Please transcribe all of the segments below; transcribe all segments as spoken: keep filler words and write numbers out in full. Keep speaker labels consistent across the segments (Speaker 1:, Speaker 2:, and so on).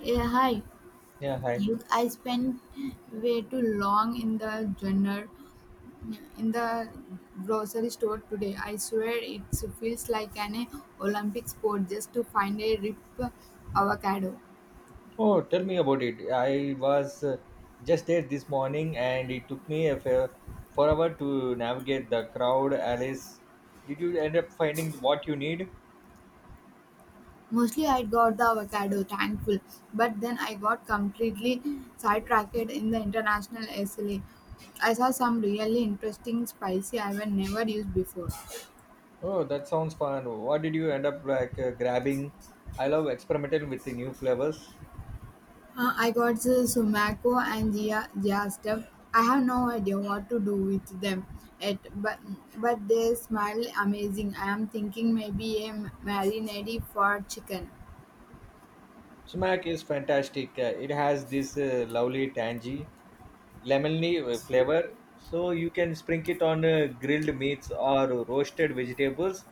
Speaker 1: Yeah, hi.
Speaker 2: Yeah, hi.
Speaker 1: You, I spent way too long in the journal, in the grocery store today. I swear it feels like an Olympic sport just to find a rip avocado.
Speaker 2: Oh, tell me about it. I was uh, just there this morning and it took me a fair forever to navigate the crowd, Alice. Did you end up finding what you need?
Speaker 1: Mostly I got the avocado, thankful, but then I got completely sidetracked in the international S L A. I saw some really interesting spicy I have never used before.
Speaker 2: Oh, that sounds fun. What did you end up like uh, grabbing? I love experimenting with the new flavors.
Speaker 1: Uh, I got the Sumaco and Gia, Gia stuff. I have no idea what to do with them yet, but but they smell amazing. I am thinking maybe a marinade for chicken.
Speaker 2: Sumac is fantastic. Uh, it has this uh, lovely tangy lemony uh, flavor. So you can sprinkle it on uh, grilled meats or roasted vegetables.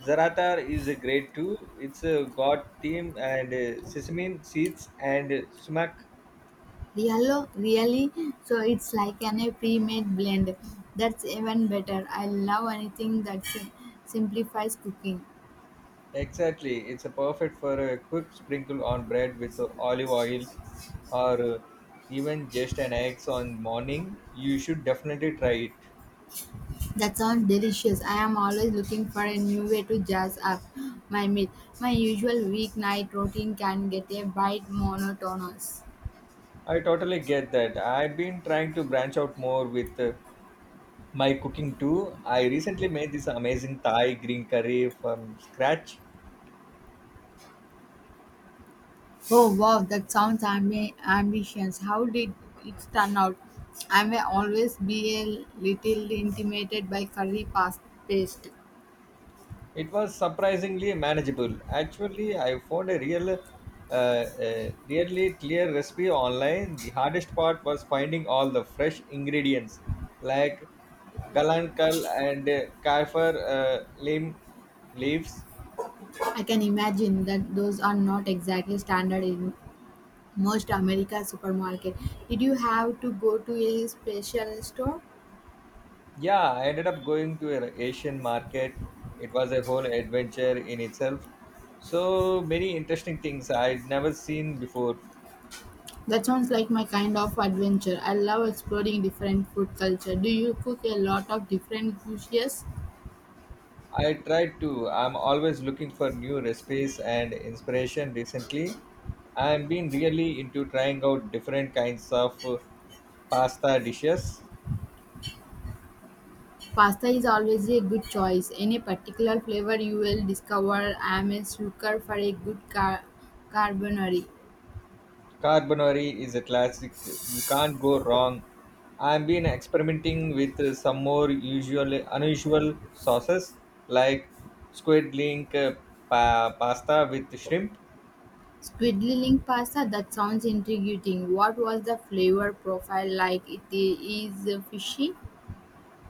Speaker 2: Zaratar is a great too. It's a got thyme and uh, sesame seeds and uh, sumac.
Speaker 1: Riallo, really? So it's like an a pre-made blend. That's even better. I love anything that sim- simplifies cooking.
Speaker 2: Exactly. It's a perfect for a quick sprinkle on bread with uh, olive oil or uh, even just an eggs on morning. You should definitely try it.
Speaker 1: That sounds delicious. I am always looking for a new way to jazz up my meal. My usual weeknight routine can get a bit monotonous.
Speaker 2: I totally get that. I've been trying to branch out more with uh, my cooking too. I recently made this amazing Thai green curry from scratch.
Speaker 1: Oh wow, that sounds ambi- ambitious. How did it turn out? I may always be a little intimidated by curry pas- paste.
Speaker 2: It was surprisingly manageable. Actually, I found a real, uh, a really clear recipe online. The hardest part was finding all the fresh ingredients like galangal and uh, kaffir uh, lim leaves.
Speaker 1: I can imagine that those are not exactly standard in most America supermarket. Did you have to go to a special store?
Speaker 2: Yeah, I ended up going to an Asian market. It was a whole adventure in itself. So many interesting things I'd never seen before.
Speaker 1: That sounds like my kind of adventure. I love exploring different food culture. Do you cook a lot of different dishes?
Speaker 2: I tried to. I'm always looking for new recipes and inspiration recently. I've been really into trying out different kinds of uh, pasta dishes.
Speaker 1: Pasta is always a good choice. Any particular flavor you will discover? I'm a sucker for a good car- carbonari.
Speaker 2: Carbonari is a classic. You can't go wrong. I've been experimenting with uh, some more usual unusual sauces like squid link uh, pa- pasta with shrimp.
Speaker 1: Squidly link pasta? That sounds intriguing. What was the flavor profile like? It is fishy?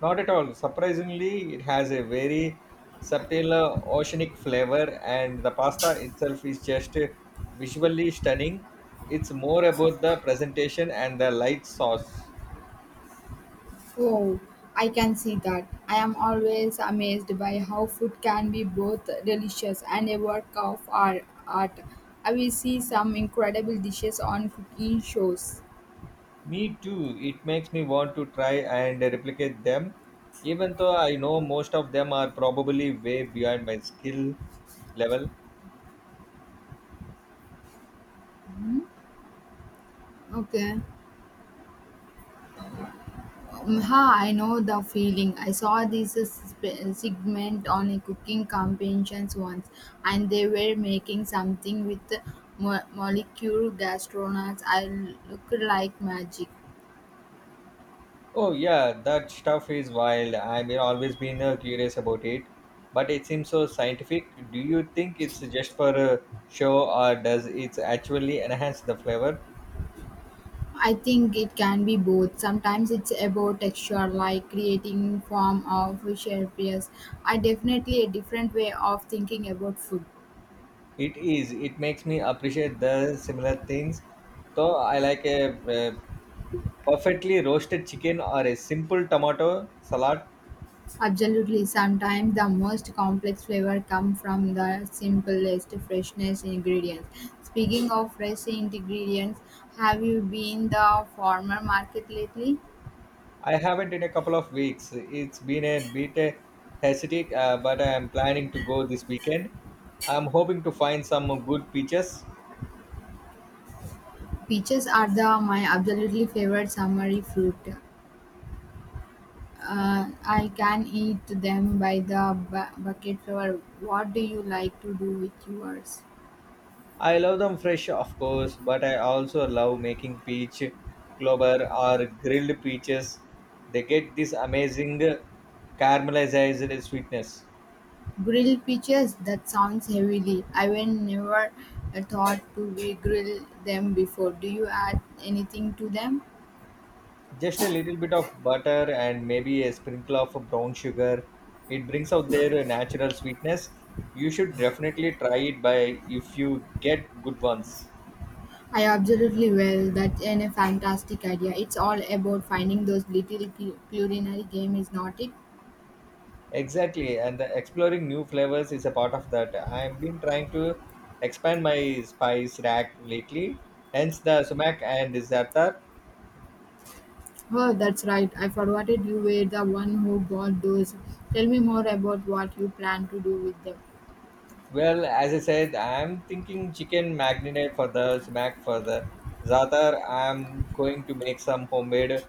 Speaker 2: Not at all. Surprisingly, it has a very subtle uh, oceanic flavor, and the pasta itself is just uh, visually stunning. It's more about the presentation and the light sauce.
Speaker 1: Oh, I can see that. I am always amazed by how food can be both delicious and a work of ar- art. I will see some incredible dishes on cooking shows.
Speaker 2: Me too. It makes me want to try and replicate them, even though I know most of them are probably way beyond my skill level.
Speaker 1: Okay. Mm, ha, I know the feeling. I saw this uh, sp- segment on a cooking competitions once, and they were making something with mo- molecular gastronauts. I looked like magic.
Speaker 2: Oh yeah, that stuff is wild. I mean, always been uh, curious about it, but it seems so scientific. Do you think it's just for uh, show, or does it actually enhance the flavor?
Speaker 1: I think it can be both. Sometimes it's about texture, like creating form of shapes. Yes, I definitely a different way of thinking about food.
Speaker 2: It is. It makes me appreciate the similar things. So I like a, uh perfectly roasted chicken or a simple tomato salad.
Speaker 1: Absolutely, sometimes the most complex flavor come from the simplest freshness ingredients. Speaking of fresh ingredients, have you been the farmer market lately?
Speaker 2: I haven't in a couple of weeks. It's been a bit uh, hectic, uh, but I am planning to go this weekend. I'm hoping to find some good peaches.
Speaker 1: Peaches are the my absolutely favorite summery fruit. Uh, I can eat them by the bu- bucket flower. What do you like to do with yours?
Speaker 2: I love them fresh, of course, but I also love making peach clover or grilled peaches. They get this amazing caramelized sweetness.
Speaker 1: Grilled peaches? That sounds heavenly. I've never uh, thought to we grill them before. Do you add anything to them?
Speaker 2: Just a little bit of butter and maybe a sprinkle of brown sugar. It brings out their natural sweetness. You should definitely try it by if you get good ones.
Speaker 1: I absolutely will. That's an a fantastic idea. It's all about finding those little cu- culinary game, is not it?
Speaker 2: Exactly, and the exploring new flavors is a part of that. I've been trying to expand my spice rack lately, hence the sumac and za'atar.
Speaker 1: Oh, that's right. I forgot it. You were the one who bought those. Tell me more about what you plan to do with them.
Speaker 2: Well, as I said, I'm thinking chicken marinade for the sumac for the za'atar. I'm going to make some homemade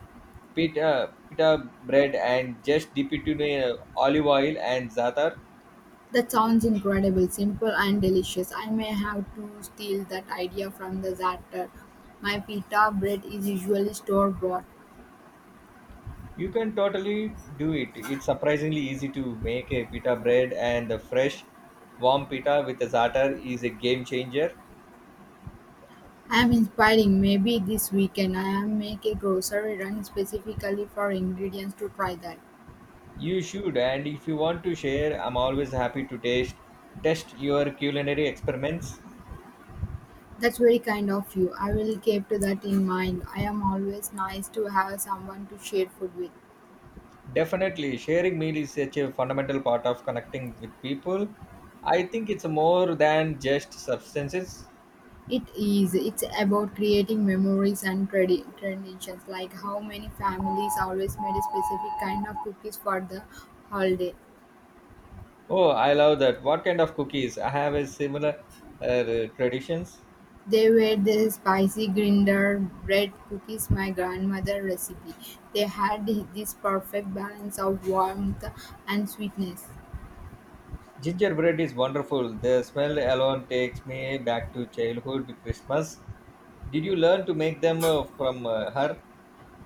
Speaker 2: pita, pita bread and just dip it in uh, olive oil and za'atar.
Speaker 1: That sounds incredible, simple and delicious. I may have to steal that idea from the zatter. My pita bread is usually store bought.
Speaker 2: You can totally do it. It's surprisingly easy to make a pita bread, and the fresh, warm pita with a starter is a game changer.
Speaker 1: I am inspiring. Maybe this weekend I am make a grocery run specifically for ingredients to try that.
Speaker 2: You should, and if you want to share, I'm always happy to taste test your culinary experiments.
Speaker 1: That's very kind of you. I will keep to that in mind. I am always nice to have someone to share food with.
Speaker 2: Definitely, sharing meal is such a fundamental part of connecting with people. I think it's more than just substances.
Speaker 1: It is. It's about creating memories and tradi- traditions, like how many families always made a specific kind of cookies for the holiday.
Speaker 2: Oh, I love that. What kind of cookies? I have a similar uh, traditions.
Speaker 1: They were the spicy grinder bread cookies my grandmother recipe. They had this perfect balance of warmth and sweetness.
Speaker 2: Gingerbread is wonderful. The smell alone takes me back to childhood Christmas. Did you learn to make them uh, from uh, her?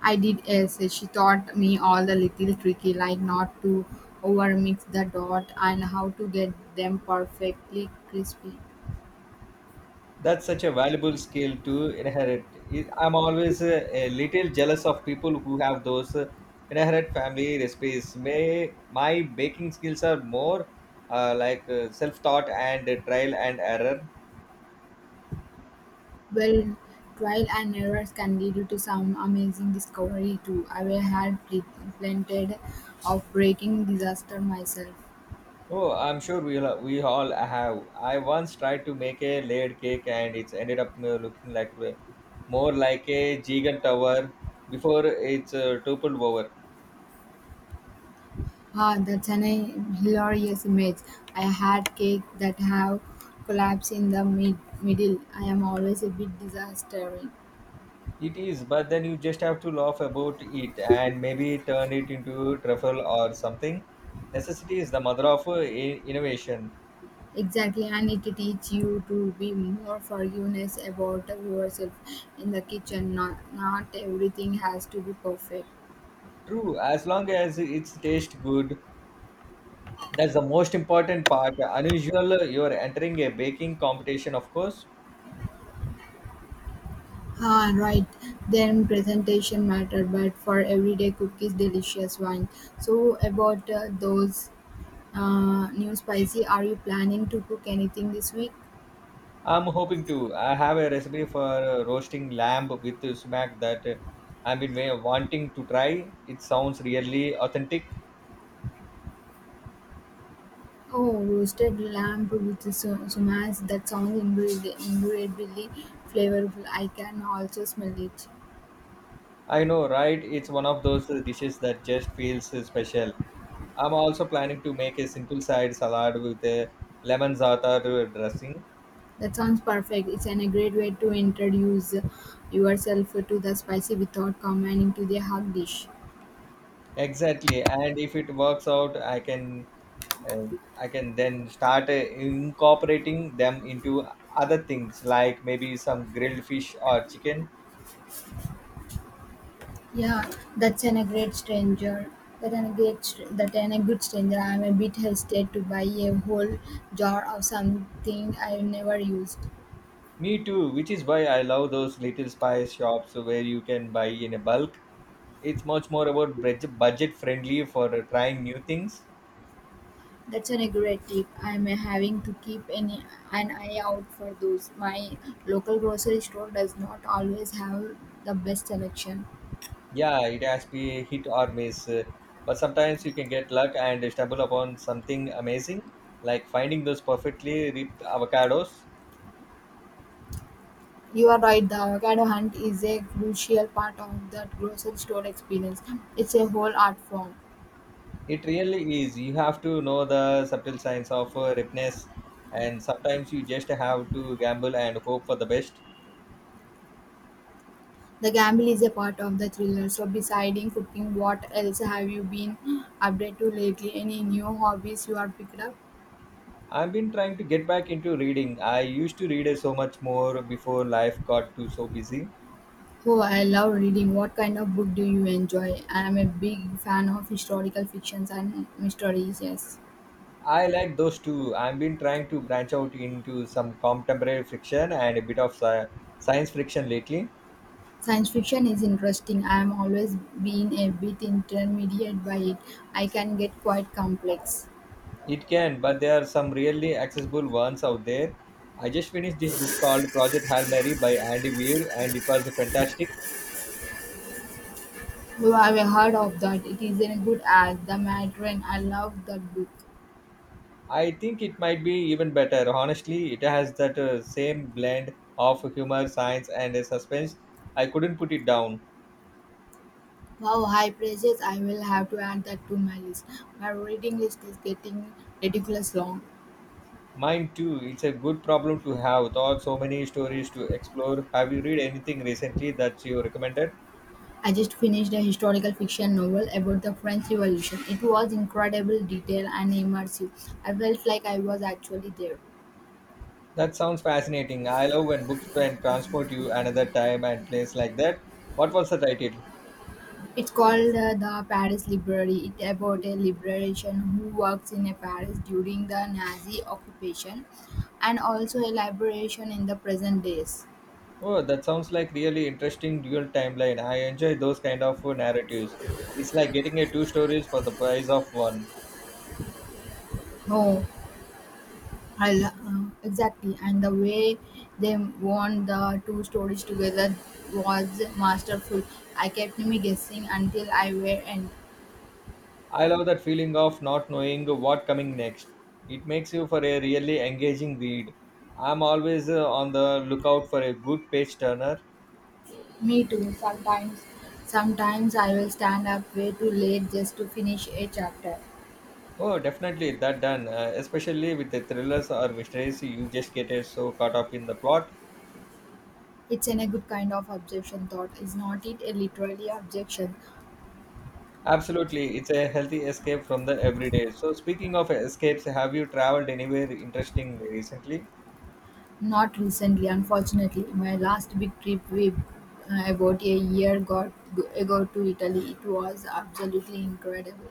Speaker 1: I did as she taught me all the little tricky, like not to overmix the dot and how to get them perfectly crispy.
Speaker 2: That's such a valuable skill to inherit. I- I'm always uh, a little jealous of people who have those uh, inherit family recipes. May my baking skills are more uh, like uh, self-taught and uh, trial and error.
Speaker 1: Well, trial and errors can lead to some amazing discovery too. I will had pl- plenty of breaking disaster myself.
Speaker 2: Oh, I'm sure we all we all have. I once tried to make a layered cake and it ended up uh, looking like uh, more like a giant tower before it's uh, toppled over.
Speaker 1: Ah, that's an a hilarious image. I had cake that have collapsed in the mid- middle. I am always a bit disaster.
Speaker 2: It is, but then you just have to laugh about it and maybe turn it into truffle or something. Necessity is the mother of uh, i- innovation.
Speaker 1: Exactly, and it teach you to be more forgiveness about yourself in the kitchen. Not, not everything has to be perfect.
Speaker 2: True, as long as it's taste good. That's the most important part. Unusual, uh, you're entering a baking competition, of course.
Speaker 1: Ah, right. Then presentation matter, but for everyday cookies, delicious one. So about uh, those uh, new spicy, are you planning to cook anything this week?
Speaker 2: I'm hoping to. I have a recipe for uh, roasting lamb with sumac that uh, I've been wa- wanting to try. It sounds really authentic.
Speaker 1: Oh, roasted lamb with su- sumas. That sounds incredibly, incredibly flavorful. I can also smell it.
Speaker 2: I know, right? It's one of those uh, dishes that just feels uh, special. I'm also planning to make a simple side salad with a lemon za'atar dressing.
Speaker 1: That sounds perfect. It's an, a great way to introduce yourself to the spicy without coming into the hot dish.
Speaker 2: Exactly, and if it works out, I can uh, I can then start uh, incorporating them into other things like maybe some grilled fish or chicken.
Speaker 1: Yeah, that's an, a great stranger. That an, a great, str- that an, a good stranger. I'm a bit hesitant to buy a whole jar of something I've never used.
Speaker 2: Me too, which is why I love those little spice shops where you can buy in a bulk. It's much more about budget budget friendly for uh, trying new things.
Speaker 1: That's an, a great tip. I'm uh, having to keep an, an eye out for those. My local grocery store does not always have the best selection.
Speaker 2: Yeah, it has to be hit or miss, uh, but sometimes you can get luck and stumble upon something amazing, like finding those perfectly ripped avocados.
Speaker 1: You are right, the avocado hunt is a crucial part of that grocery store experience. It's a whole art form.
Speaker 2: It really is. You have to know the subtle signs of uh, ripeness, and sometimes you just have to gamble and hope for the best.
Speaker 1: The gamble is a part of the thriller. So, deciding cooking, what else have you been up to lately? Any new hobbies you are picked up?
Speaker 2: I've been trying to get back into reading. I used to read so much more before life got too so busy.
Speaker 1: Oh, I love reading. What kind of book do you enjoy? I am a big fan of historical fictions and mysteries. Yes,
Speaker 2: I like those too. i I've been trying to branch out into some contemporary fiction and a bit of sci- science fiction lately.
Speaker 1: science fiction is interesting. I am always been a bit intermediate by it. I can get quite complex.
Speaker 2: It can, but there are some really accessible ones out there. I just finished this book called Project Hail Mary by Andy Weir, and it was fantastic.
Speaker 1: Oh, I have heard of that? It is a good as the Matron. I love that book.
Speaker 2: I think it might be even better. Honestly, it has that uh, same blend of humor, science, and uh, suspense. I couldn't put it down.
Speaker 1: Wow, high praises. I will have to add that to my list. My reading list is getting ridiculous long.
Speaker 2: Mine too. It's a good problem to have. Thought so many stories to explore. Have you read anything recently that you recommended?
Speaker 1: I just finished a historical fiction novel about the French Revolution. It was incredible detail and immersive. I felt like I was actually there.
Speaker 2: That sounds fascinating. I love when books can transport you another time and place like that. What was the title?
Speaker 1: It's called uh, the Paris Library. It's about a liberation who works in a Paris during the Nazi occupation and also a liberation in the present days.
Speaker 2: Oh, that sounds like really interesting dual timeline. I enjoy those kind of narratives. It's like getting a two stories for the price of one.
Speaker 1: No, I lo- uh, Exactly, and the way they wound the two stories together was masterful. I kept me guessing until I were and
Speaker 2: I love that feeling of not knowing what coming next. It makes you for a really engaging read. I'm always uh, on the lookout for a good page turner.
Speaker 1: me too. Sometimes, sometimes I will stand up way too late just to finish a chapter.
Speaker 2: Oh, definitely that done. Uh, especially with the thrillers or mysteries, you just get uh, so caught up in the plot.
Speaker 1: It's in a good kind of objection thought, is not it? A literally objection.
Speaker 2: Absolutely, it's a healthy escape from the everyday. So, speaking of escapes, have you traveled anywhere interesting recently?
Speaker 1: Not recently, unfortunately. My last big trip we uh, about a year got, ago to Italy. It was absolutely incredible.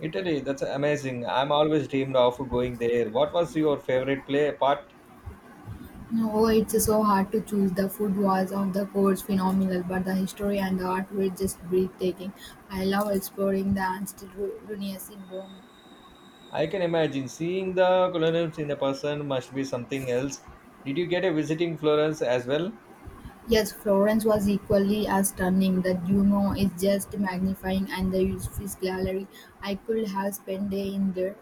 Speaker 2: Italy, that's amazing. I'm always dreamed of going there. What was your favorite play part?
Speaker 1: No, it's so hard to choose. The food was, of the course, phenomenal, but the history and the art were just breathtaking. I love exploring the ancient Ru- ruins in Rome.
Speaker 2: I can imagine seeing the colonials in a person must be something else. Did you get a visiting Florence as well?
Speaker 1: Yes, Florence was equally as stunning. The Duomo is just magnifying, and the Uffizi Gallery. I could have spent day in there.